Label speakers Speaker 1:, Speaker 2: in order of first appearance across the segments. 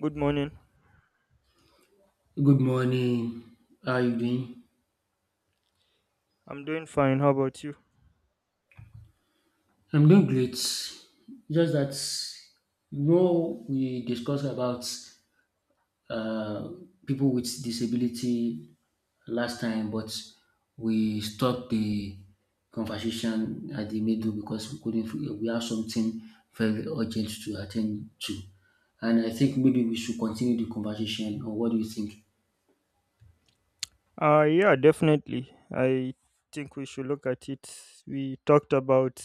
Speaker 1: Good morning.
Speaker 2: Good morning. How are you doing?
Speaker 1: I'm doing fine. How about you?
Speaker 2: I'm doing great. Just that we discussed about uh, people with disability last time, but we stopped the conversation at the middle because we couldn't. We have something very urgent to attend to, and I think maybe we should continue the conversation. Or what do you think?
Speaker 1: Yeah, definitely. I think we should look at it. We talked about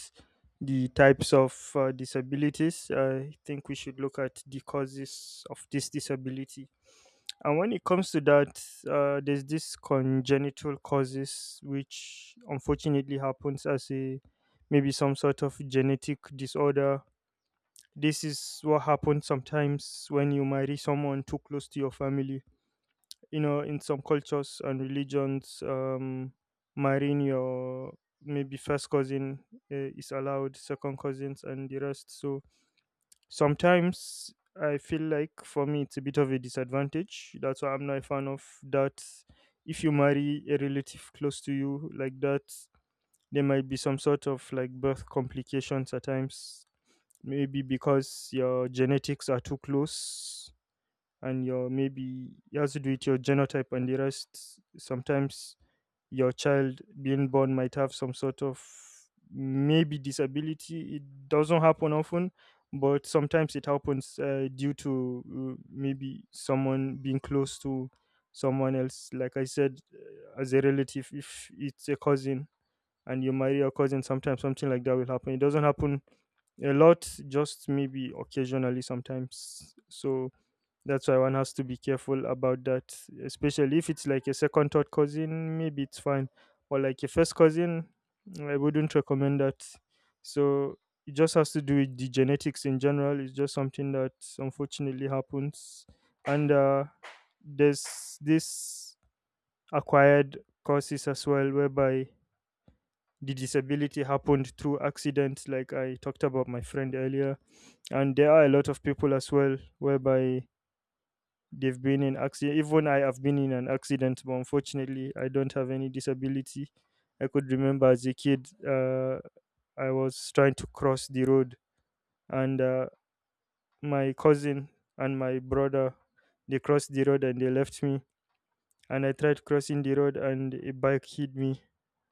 Speaker 1: the types of disabilities. I think we should look at the causes of this disability. And when it comes to that, there's this congenital causes, which unfortunately happens as a maybe some sort of genetic disorder. This is what happens sometimes when you marry someone too close to your family in some cultures and religions, marrying your maybe first cousin, is allowed, second cousins and the rest. So sometimes I feel like for me it's a bit of a disadvantage. That's why I'm not a fan of that. If you marry a relative close to you like that, there might be some sort of like birth complications at times, maybe because your genetics are too close. And your maybe it has to do with your genotype and the rest. Sometimes your child being born might have some sort of maybe disability. It doesn't happen often, but sometimes it happens due to maybe someone being close to someone else. Like I said, as a relative, if it's a cousin and you marry a cousin, sometimes something like that will happen. It doesn't happen a lot, just maybe occasionally sometimes. So that's why one has to be careful about that, especially if it's like a second, third cousin, maybe it's fine. Or like a first cousin, I wouldn't recommend that. So it just has to do with the genetics in general. It's just something that unfortunately happens. And there's this acquired causes as well, whereby the disability happened through accidents, like I talked about my friend earlier. And there are a lot of people as well, whereby they've been in accident. Even I have been in an accident, but unfortunately I don't have any disability. I could remember as a kid, I was trying to cross the road, and my cousin and my brother, they crossed the road and they left me. And I tried crossing the road and a bike hit me.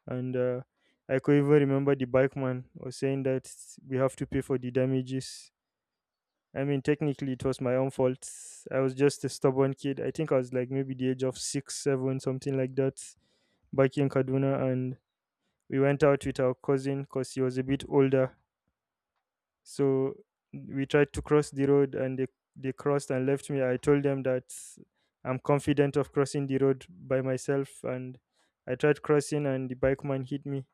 Speaker 1: And I could even remember the bike man was saying that we have to pay for the damages. I mean, technically, it was my own fault. I was just a stubborn kid. I think I was like maybe the age of six, seven, something like that, back in Kaduna. And we went out with our cousin because he was a bit older. So we tried to cross the road and they crossed and left me. I told them that I'm confident of crossing the road by myself. And I tried crossing and the bike man hit me.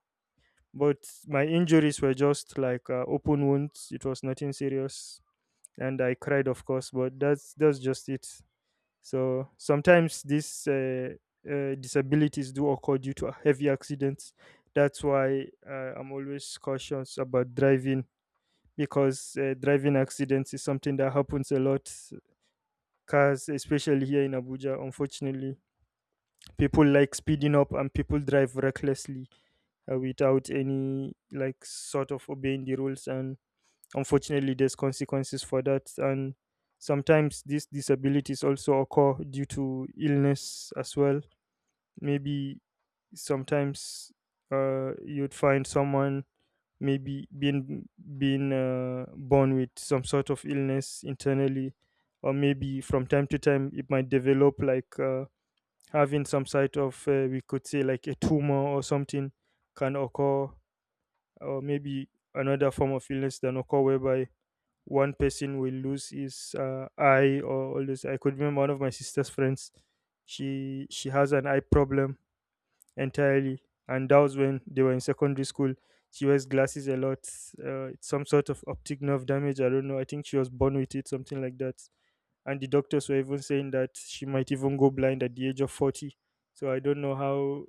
Speaker 1: But my injuries were just like open wounds. It was nothing serious, and I cried, of course. But that's just it. So sometimes these disabilities do occur due to heavy accidents. That's why I'm always cautious about driving because driving accidents is something that happens a lot. Cars, especially here in Abuja, unfortunately, people like speeding up and people drive recklessly without any like sort of obeying the rules. And unfortunately, there's consequences for that, and sometimes these disabilities also occur due to illness as well. Maybe sometimes, you'd find someone maybe being born with some sort of illness internally, or maybe from time to time it might develop like, having some sort of, we could say like a tumor or something can occur. Or maybe another form of illness that occur whereby one person will lose his eye or all this. I could remember one of my sister's friends. She has an eye problem entirely, and that was when they were in secondary school. She wears glasses a lot. It's some sort of optic nerve damage. I don't know. I think she was born with it, something like that. And the doctors were even saying that she might even go blind at the age of 40. So I don't know how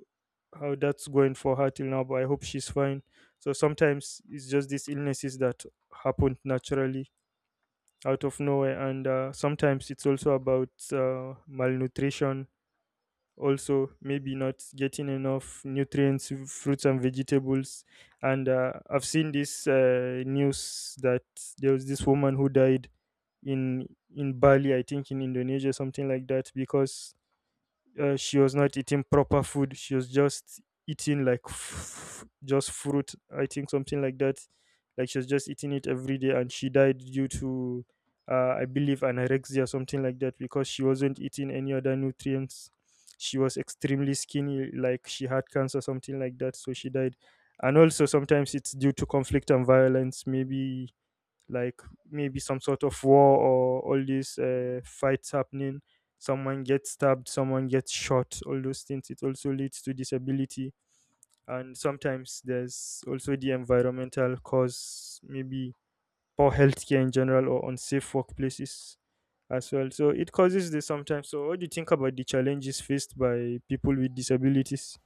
Speaker 1: how that's going for her till now, but I hope she's fine. So sometimes it's just these illnesses that happened naturally out of nowhere. And sometimes it's also about malnutrition, also maybe not getting enough nutrients, fruits and vegetables. And I've seen this news that there was this woman who died in in Bali, I think, in Indonesia, something like that, because she was not eating proper food. She was just eating like just fruit, I think, something like that. Like she was just eating it every day and she died due to, I believe, anorexia, something like that, because she wasn't eating any other nutrients. She was extremely skinny, like she had cancer, something like that. So she died. And also sometimes it's due to conflict and violence. Maybe like maybe some sort of war or all these fights happening, someone gets stabbed, someone gets shot, all those things. It also leads to disability. And sometimes there's also the environmental cause, maybe poor healthcare in general or unsafe workplaces as well. So it causes this sometimes. So what do you think about the challenges faced by people with disabilities?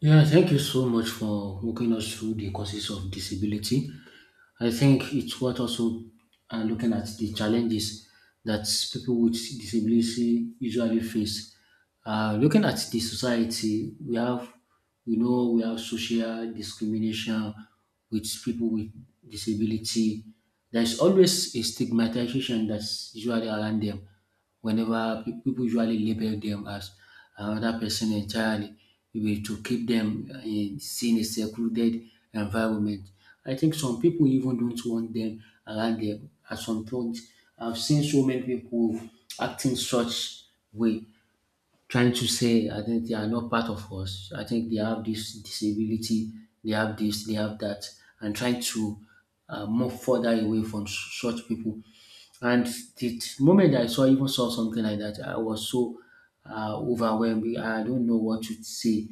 Speaker 2: Yeah, thank you so much for walking us through the causes of disability. I think it's what also looking at the challenges that people with disability usually face. Looking at the society, we have, we know, we have social discrimination with people with disability. There's always a stigmatization that's usually around them whenever people usually label them as another person entirely, eh, to keep them in a secluded environment. I think some people even don't want them around them at some point. I've seen so many people acting such way, trying to say I think they are not part of us. I think they have this disability, they have this, they have that, and trying to move further away from such people. And the moment I saw even saw something like that, I was so overwhelmed. I don't know what to say.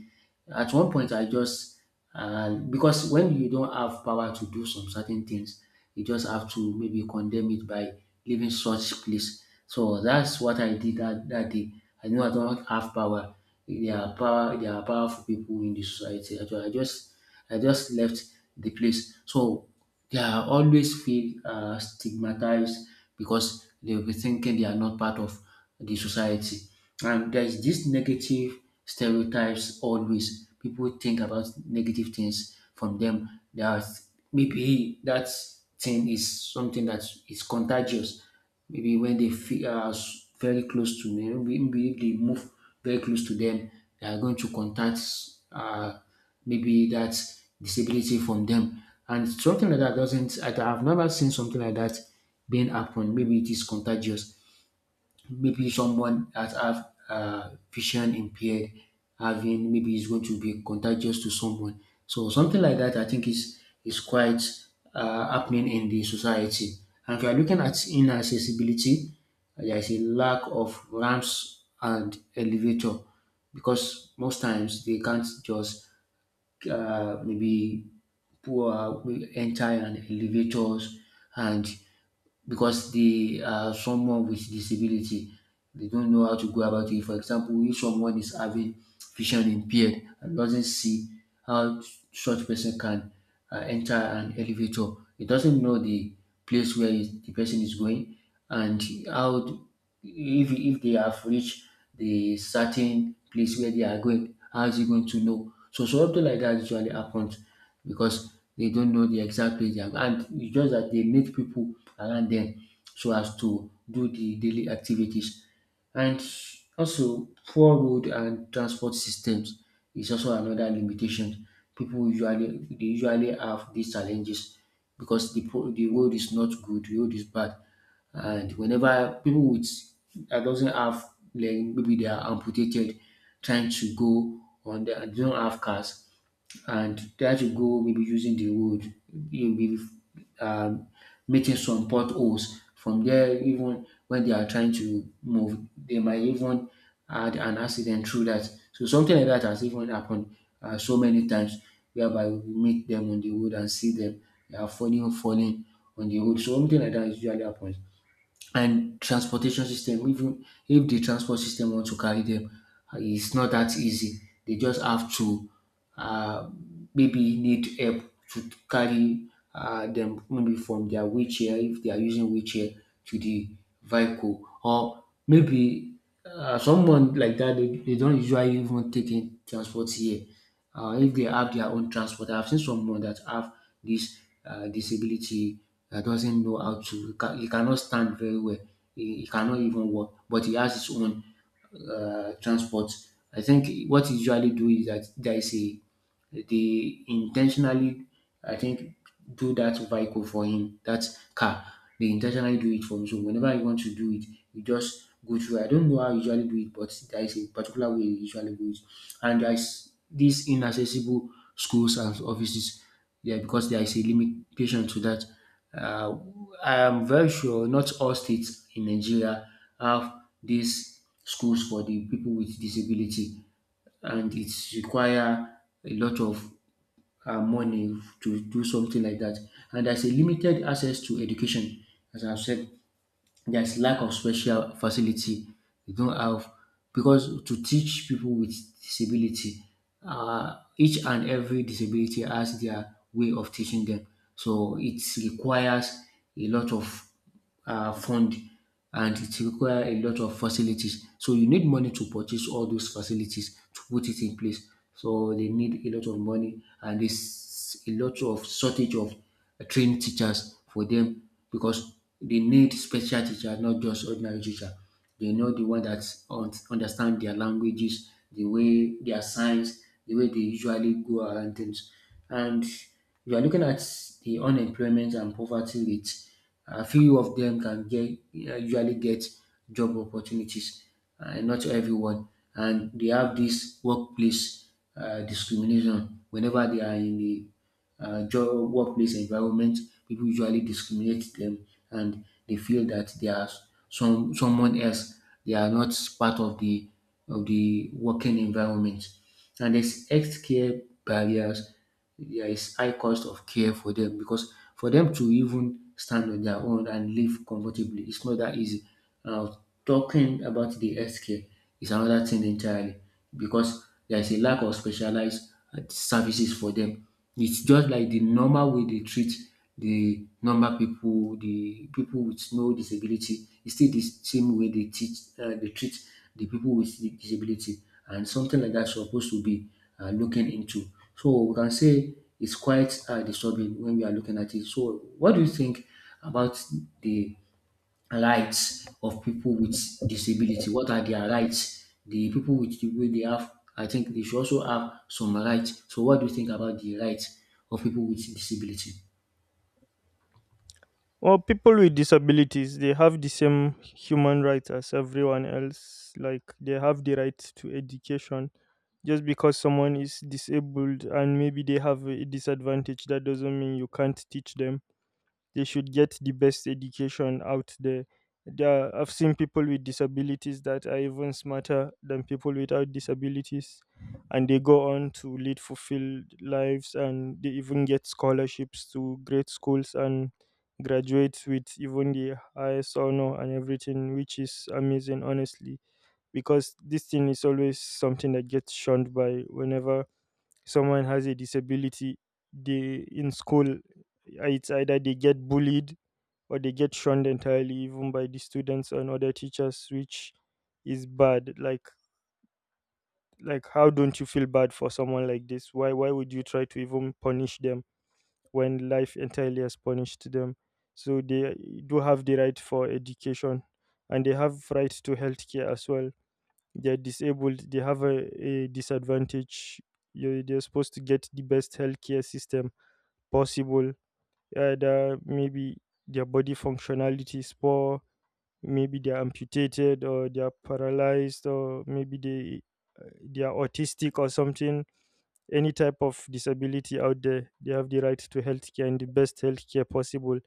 Speaker 2: At one point, I just because when you don't have power to do some certain things, you just have to maybe condemn it by leaving such place. So that's what I did that day. I know I don't have power. There are powerful people in the society. I just left the place. So they are always feel stigmatized because they'll be thinking they are not part of the society. And there's this negative stereotypes always. People think about negative things from them. That maybe that thing is something that is contagious. Maybe when they feel very close to me, maybe they move very close to them, they are going to contact. Uh, Maybe that's disability from them. And something like that doesn't, I have never seen something like that being happen. Maybe it is contagious. Maybe someone that have vision impaired having maybe is going to be contagious to someone. So something like that, I think is quite happening in the society. And if you are looking at inaccessibility, there is a lack of ramps and elevator because most times they can't just maybe poor well, entire and elevators and because they are someone with disability. They don't know how to go about it. For example, if someone is having vision impaired and doesn't see how such person can enter an elevator, he doesn't know the place where the person is going, and how if they have reached the certain place where they are going, how is he going to know? So something like that usually happens because they don't know the exact place they are, and it's just that they need people around them so as to do the daily activities. And also poor road and transport systems is also another limitation. People usually they usually have these challenges because the the road is not good, the road is bad, and whenever people with that doesn't have, like maybe they are amputated, trying to go on their they don't have cars and try to go maybe using the road, you maybe um, meeting some potholes. From there, even when they are trying to move, they might even add an accident through that. So something like that has even happened so many times, whereby we meet them on the road and see them they are falling on the road. So something like that usually happens. And transportation system, even if the transport system wants to carry them, it's not that easy. They just have to uh, maybe need help to carry them, maybe from their wheelchair if they are using wheelchair, to the vehicle. Or maybe someone like that, they don't usually even take in transport here, if they have their own transport. I've seen someone that have this disability, that doesn't know how to, he cannot stand very well, he cannot even walk, but he has his own transport. I think what he usually do is that there is a they intentionally, I think, do that vehicle for him, that car. They intentionally do it for him. So whenever you want to do it, you just go through. I don't know how you usually do it, but there is a particular way you usually do it. And there is these inaccessible schools and offices. Yeah, because there is a limitation to that. Uh, I am very sure not all states in Nigeria have these schools for the people with disability, and it require a lot of money to do something like that. And there's a limited access to education, as I've said. There's lack of special facility. You don't have because to teach people with disability, each and every disability has their way of teaching them. So it requires a lot of fund, and it require a lot of facilities. So you need money to purchase all those facilities to put it in place. So they need a lot of money, and there's a lot of shortage of trained teachers for them because they need special teacher, not just ordinary teacher. They know the one that understand their languages, the way their science, the way they usually go around things. And we are looking at the unemployment and poverty rate. A few of them can get usually get job opportunities, not everyone, and they have this workplace discrimination. Whenever they are in the job workplace environment, people usually discriminate them, and they feel that they are someone else. They are not part of the working environment. And there's healthcare barriers, there is high cost of care for them, because for them to even stand on their own and live comfortably, it's not that easy. Now, talking about the healthcare is another thing entirely because there is a lack of specialized services for them. It's just like the normal way they treat the normal people, the people with no disability. It's still the same way they teach, they treat the people with the disability, and something like that supposed to be looking into. So we can say it's quite disturbing when we are looking at it. So what do you think about the rights of people with disability? What are their rights? The people with the way they have, I think they should also have some rights. So what do you think about the rights of people with disability?
Speaker 1: Well, people with disabilities, they have the same human rights as everyone else. Like they have the right to education. Just because someone is disabled and maybe they have a disadvantage, that doesn't mean you can't teach them. They should get the best education out there. There I've seen people with disabilities that are even smarter than people without disabilities, and they go on to lead fulfilled lives, and they even get scholarships to great schools and graduate with even the highest honor and everything, which is amazing, honestly. Because this thing is always something that gets shunned by, whenever someone has a disability, they in school, it's either they get bullied or they get shunned entirely even by the students and other teachers, which is bad. Like, how don't you feel bad for someone like this? Why would you try to even punish them when life entirely has punished them? So they do have the right for education, and they have right to healthcare as well. They're disabled. They have a disadvantage. You they're supposed to get the best healthcare system possible. And maybe their body functionality is poor. Maybe they're amputated or they're paralyzed or maybe they are autistic or something. Any type of disability out there, they have the right to healthcare and the best healthcare possible.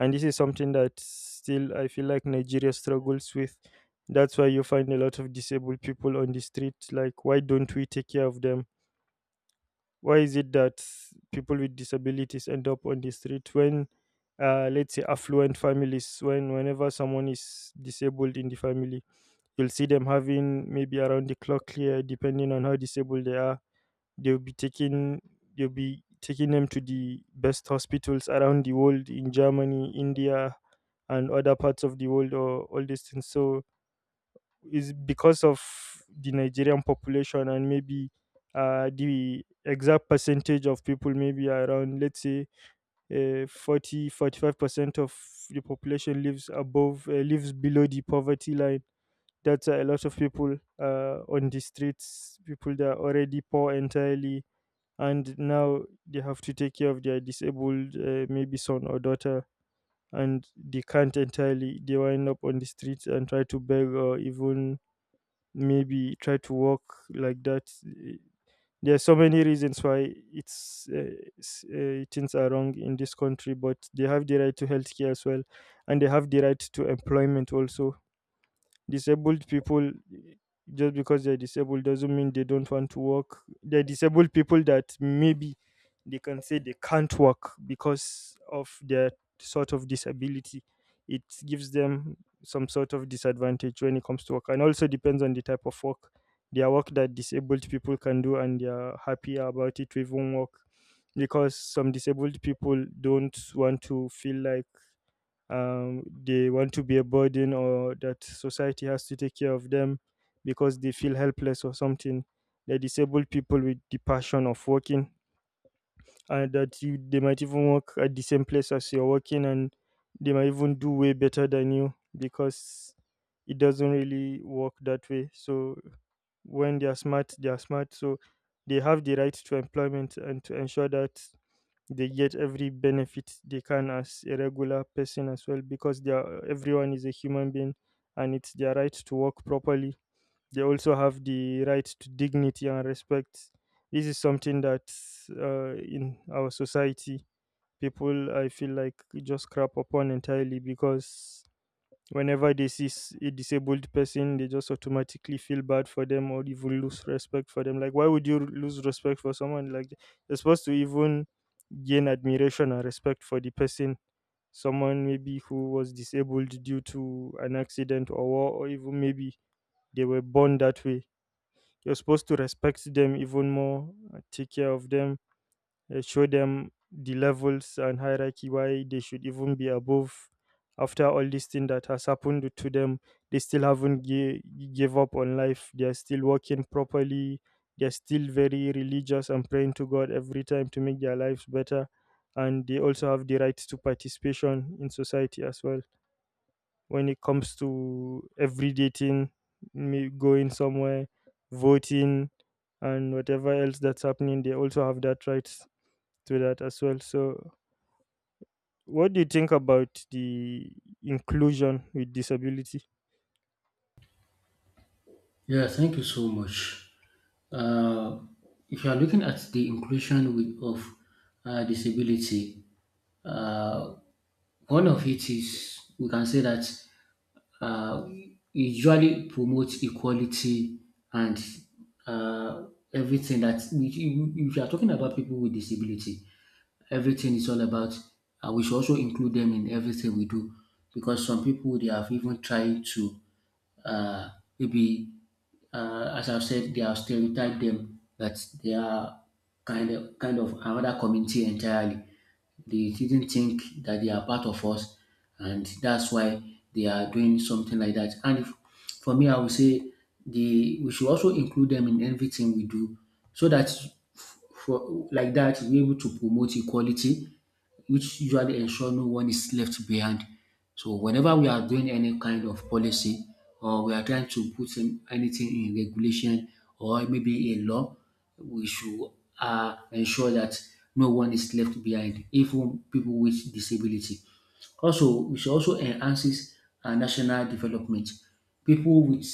Speaker 1: And this is something that still I feel like Nigeria struggles with. That's why you find a lot of disabled people on the street. Like, why don't we take care of them? Why is it that people with disabilities end up on the street when, let's say, affluent families, whenever someone is disabled in the family, you'll see them having maybe around the clock here, depending on how disabled they are. They'll be taking they'll be taking them to the best hospitals around the world, in Germany, India, and other parts of the world, or all these things. So it's because of the Nigerian population and maybe, the exact percentage of people maybe around let's say, 40, 45% of the population lives above, lives below the poverty line. That's a lot of people, on the streets. People that are already poor entirely, and now they have to take care of their disabled, maybe son or daughter, and they can't entirely. They wind up on the streets and try to beg or even maybe try to walk like that. Eh, there are so many reasons why it's things are wrong in this country. But they have the right to healthcare as well, and they have the right to employment also. Disabled people, just because they're disabled doesn't mean they don't want to work. They're disabled people that maybe they can say they can't work because of their sort of disability. It gives them some sort of disadvantage when it comes to work. And also depends on the type of work. Their work that disabled people can do and they're happier about it to even work. Because some disabled people don't want to feel like, they want to be a burden or that society has to take care of them because they feel helpless or something. They're disabled people with the passion of working, and that you, they might even work at the same place as you're working, and they might even do way better than you because it doesn't really work that way. So when they are smart, they are smart. So they have the right to employment and to ensure that they get every benefit they can as a regular person as well because everyone is a human being, and it's their right to work properly. They also have the right to dignity and respect. This is something that, in our society, people I feel like just crap upon entirely because whenever they see a disabled person, they just automatically feel bad for them or even lose respect for them. Like, why would you lose respect for someone? Like, you're supposed to even gain admiration and respect for the person. Someone maybe who was disabled due to an accident or war, or even maybe they were born that way. You're supposed to respect them even more, take care of them, show them the levels and hierarchy why they should even be above after all this thing that has happened to them. They still haven't gi- give up on life. They are still working properly. They are still very religious and praying to god every time to make their lives better, and they also have the right to participation in society as well. When it comes to everyday thing, me going somewhere, voting, and whatever else that's happening, they also have that right to that as well. So, what do you think about the inclusion with disability?
Speaker 2: Yeah, thank you so much. Uh, if you are looking at the inclusion with, of disability, uh, one of it is we can say that uh, usually promotes equality and uh, everything that we, if you are talking about people with disability, everything is all about. We should also include them in everything we do because some people they have even tried to uh, maybe as I've said, they have stereotyped them that they are kind of another community entirely. They didn't think that they are part of us, and that's why they are doing something like that. And if, for me, I would say the we should also include them in everything we do, so that for like that we're able to promote equality, which usually ensure no one is left behind. So whenever we are doing any kind of policy or we are trying to put in anything in regulation or maybe a law, we should ensure that no one is left behind, even people with disability. Also, we should also enhances our national development. People with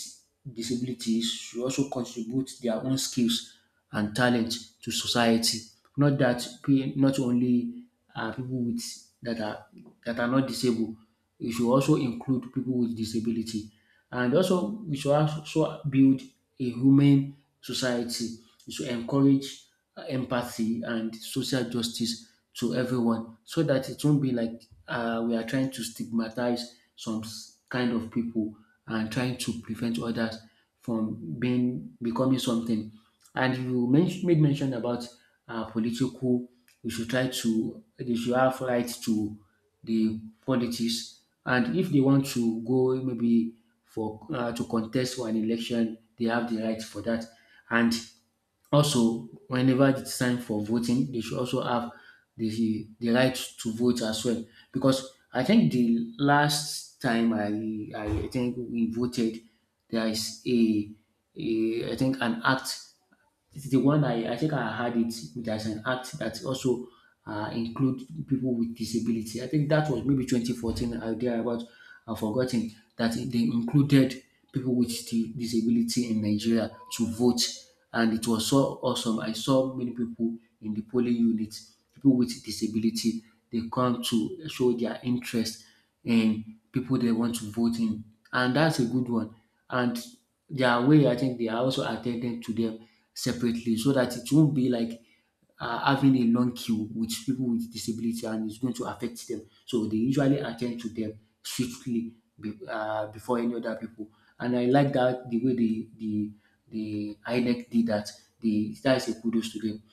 Speaker 2: disabilities should also contribute their own skills and talent to society. Not that not only people with that are that are not disabled. We should also include people with disability, and also we should also build a humane society. It should encourage empathy and social justice to everyone so that it won't be like we are trying to stigmatize kind of people and trying to prevent others from being becoming something. And you made mention about political. We should try to they should have right to the politics, and if they want to go maybe for to contest for an election, they have the right for that. And also, whenever it's time for voting, they should also have the right to vote as well. Because I think the last time I think we voted, there is a I think an act, it is the one I think I had it. There's an act that also include people with disability. I think that was maybe 2014 or thereabout. I've forgotten that they included people with disability in Nigeria to vote, and it was so awesome. I saw many people in the polling unit, people with disability. They come to show their interest in people they want to vote in, and that's a good one. And their way, I think they are also attending to them separately so that it won't be like having a long queue with people with disability and it's going to affect them. So they usually attend to them swiftly before any other people. And I like that the way the INEC did that. The that is a kudos to them.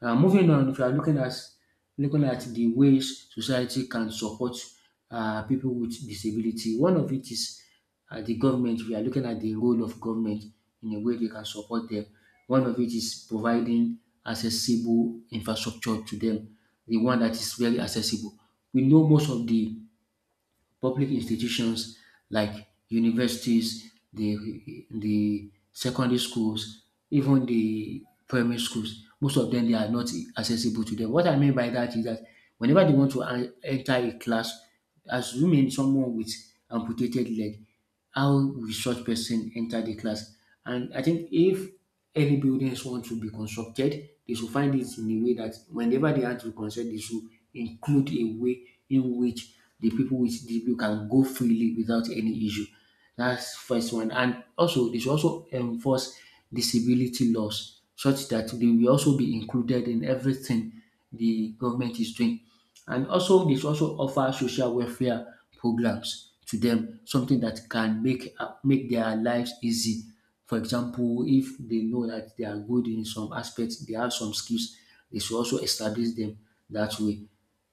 Speaker 2: Moving on, if you are looking at the ways society can support people with disability, one of it is the government. We are looking at the role of government in a way they can support them. One of it is providing accessible infrastructure to them, the one that is very accessible. We know most of the public institutions like universities, the secondary schools, even the primary schools, most of them they are not accessible to them. What I mean by that is that whenever they want to enter a class, assuming someone with amputated leg, how will such person enter the class? And I think if any buildings want to be constructed, they should find it in a way that whenever they have to construct, they should include a way in which the people can go freely without any issue. That's first one. And also, they should also enforce disability laws such that they will also be included in everything the government is doing. And also, they should also offer social welfare programs to them, something that can make make their lives easy. For example, if they know that they are good in some aspects, they have some skills, they should also establish them that way.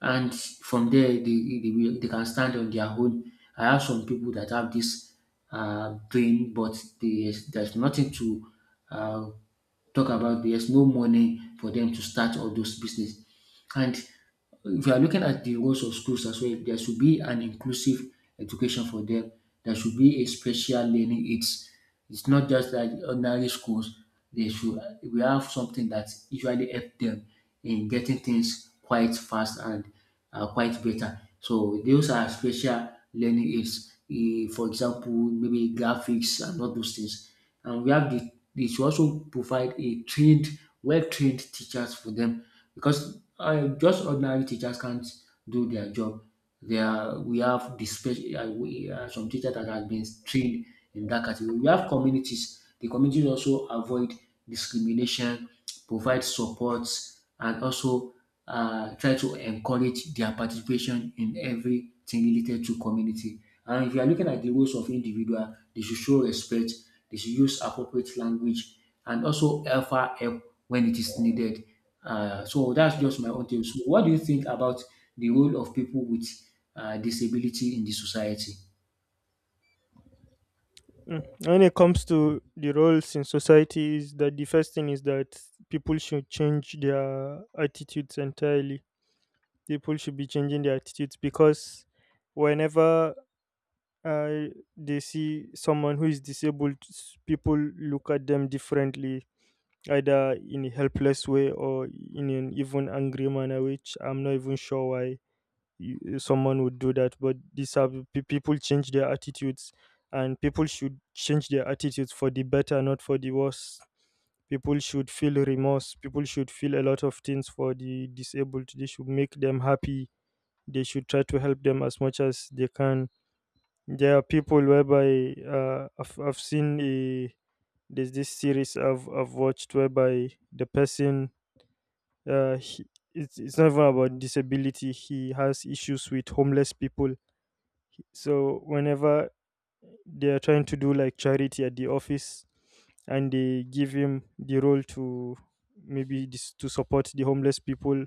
Speaker 2: And from there, they can stand on their own. I have some people that have this brain, but they, there's nothing to uh, talk about, there's no money for them to start all those business. And if you are looking at the roles of schools as well, there should be an inclusive education for them. There should be a special learning aids. It's not just like ordinary schools. They should we have something that usually help them in getting things quite fast and quite better. So those are special learning aids. Eh, for example, maybe graphics and all those things, and we have they should also provide a trained, well-trained teachers for them because just ordinary teachers can't do their job. We have the special some teachers that have been trained in that category. We have communities. The communities also avoid discrimination, provide support, and also try to encourage their participation in everything related to community. And if you are looking at the roles of individual, they should show respect, they should use appropriate language, and also offer help when it is needed. So that's just my own take. So what do you think about the role of people with disability in the society?
Speaker 1: Mm. When it comes to the roles in society, is that the first thing is that people should change their attitudes entirely. People should be changing their attitudes because whenever uh, they see someone who is disabled, people look at them differently, either in a helpless way or in an even angry manner, which I'm not even sure why someone would do that. But these are people change their attitudes, and people should change their attitudes for the better, not for the worse. People should feel remorse. People should feel a lot of things for the disabled. They should make them happy. They should try to help them as much as they can. There are people whereby I've seen a, there's this series I've watched whereby the person, uh, he, it's not even about disability. He has issues with homeless people. So whenever they are trying to do like charity at the office, and they give him the role to to support the homeless people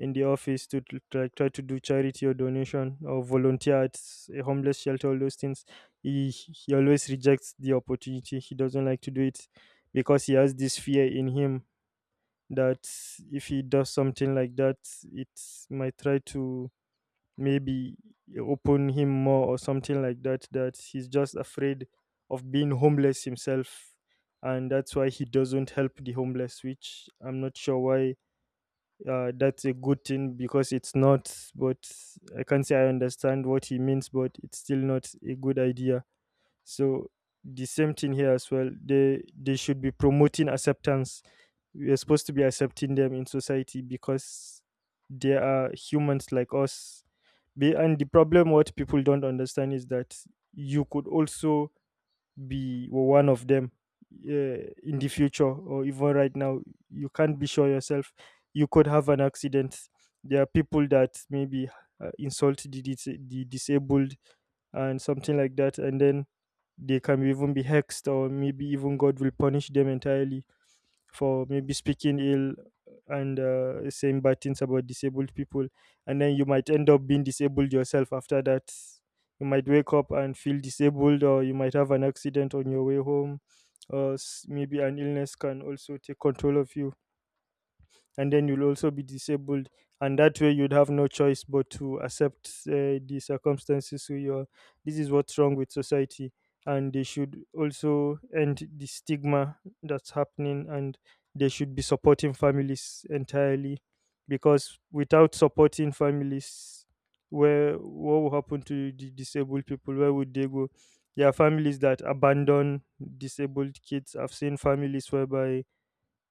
Speaker 1: in the office to, to try to do charity or donation or volunteer at a homeless shelter, all those things, he always rejects the opportunity. He doesn't like to do it because he has this fear in him that if he does something like that, it might try to maybe open him more or something like that. That he's just afraid of being homeless himself, and that's why he doesn't help the homeless. Which I'm not sure why, that's a good thing because it's not. But I can't say I understand what he means, but it's still not a good idea. So the same thing here as well. They should be promoting acceptance. We are supposed to be accepting them in society because they are humans like us. And the problem what people don't understand is that you could also be one of them, in the future or even right now. You can't be sure yourself. You could have an accident. There are people that maybe the disabled and something like that, and then they can even be hexed or maybe even god will punish them entirely for maybe speaking ill and saying bad things about disabled people, and then you might end up being disabled yourself after that. You might wake up and feel disabled, or you might have an accident on your way home, or maybe an illness can also take control of you, and then you'll also be disabled. And that way you'd have no choice but to accept the circumstances. So you're, this is what's wrong with society, and they should also end the stigma that's happening, and they should be supporting families entirely. Because without supporting families, where, what will happen to the disabled people? Where would they go? There are families that abandon disabled kids. I've seen families whereby,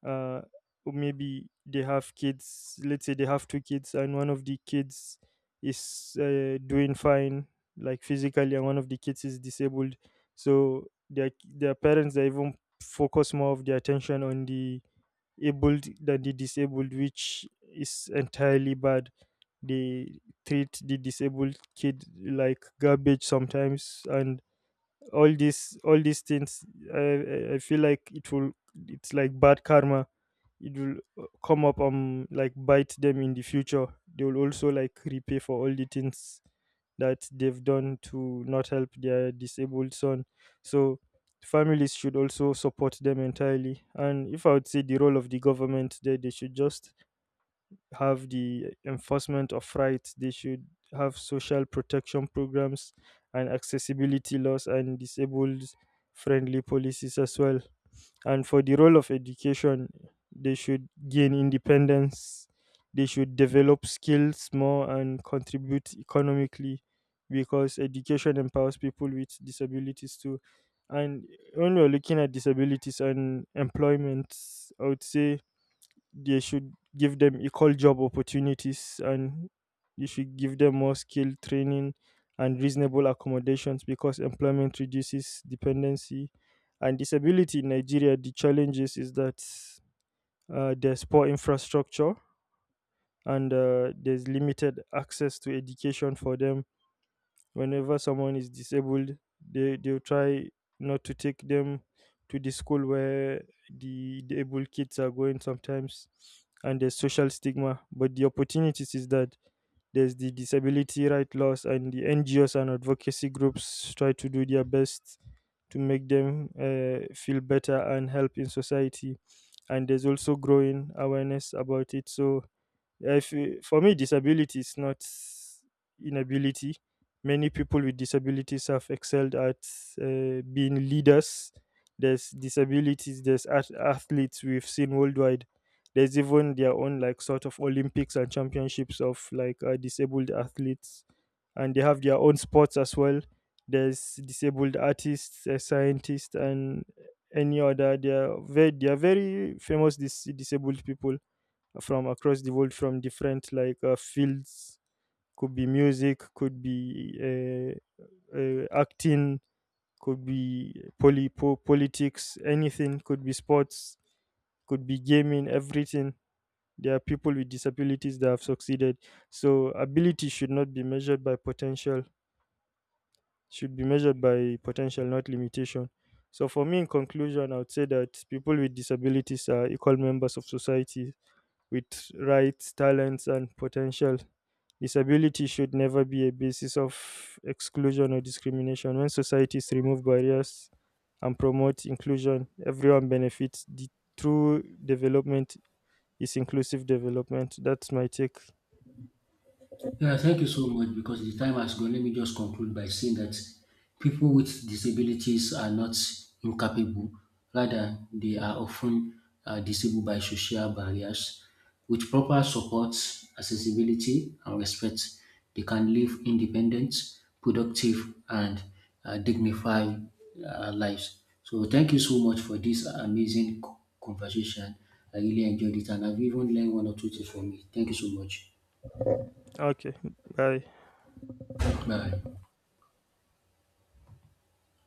Speaker 1: uh, or maybe they have kids, let's say they have two kids, and one of the kids is doing fine, like physically, and one of the kids is disabled. So their parents are even focus more of their attention on the abled than the disabled, which is entirely bad. They treat the disabled kid like garbage sometimes, and all these things, I feel like it will, it's like bad karma. It will come up, like bite them in the future. They will also like repay for all the things that they've done to not help their disabled son. So families should also support them entirely. And if I would say the role of the government there, they should just have the enforcement of rights. They should have social protection programs and accessibility laws and disabled friendly policies as well. And for the role of education, they should gain independence. They should develop skills more and contribute economically because education empowers people with disabilities too. And when we're looking at disabilities and employment, I would say they should give them equal job opportunities, and you should give them more skill training and reasonable accommodations because employment reduces dependency. And disability in Nigeria, the challenges is that there's poor infrastructure, and there's limited access to education for them. Whenever someone is disabled, they'll try not to take them to the school where the able kids are going sometimes. And there's social stigma, but the opportunities is that there's the disability right laws, and the NGOs and advocacy groups try to do their best to make them feel better and help in society. And there's also growing awareness about it. So yeah, If you, for me, disability is not inability. Many people with disabilities have excelled at being leaders. There's disabilities, there's athletes we've seen worldwide. There's even their own, like, sort of Olympics and championships of, like, disabled athletes. And they have their own sports as well. There's disabled artists, scientists, and any other. They are they are very famous disabled people from across the world from different like fields. Could be music, could be acting, could be politics, anything, could be sports, could be gaming, everything. There are people with disabilities that have succeeded. So ability should not be measured by potential, should be measured by potential, not limitation. So for me, in conclusion, I would say that people with disabilities are equal members of society with rights, talents and potential. Disability should never be a basis of exclusion or discrimination. When societies remove barriers and promote inclusion, everyone benefits. The true development is inclusive development. That's my take.
Speaker 2: Yeah, thank you so much because the time has gone. Let me just conclude by saying that people with disabilities are not incapable, rather, they are often disabled by social barriers. With proper support, accessibility, and respect, they can live independent, productive, and dignified lives. So, thank you so much for this amazing conversation. I really enjoyed it, and I've even learned one or two things from it. Thank you so much.
Speaker 1: Okay, bye.
Speaker 2: Bye.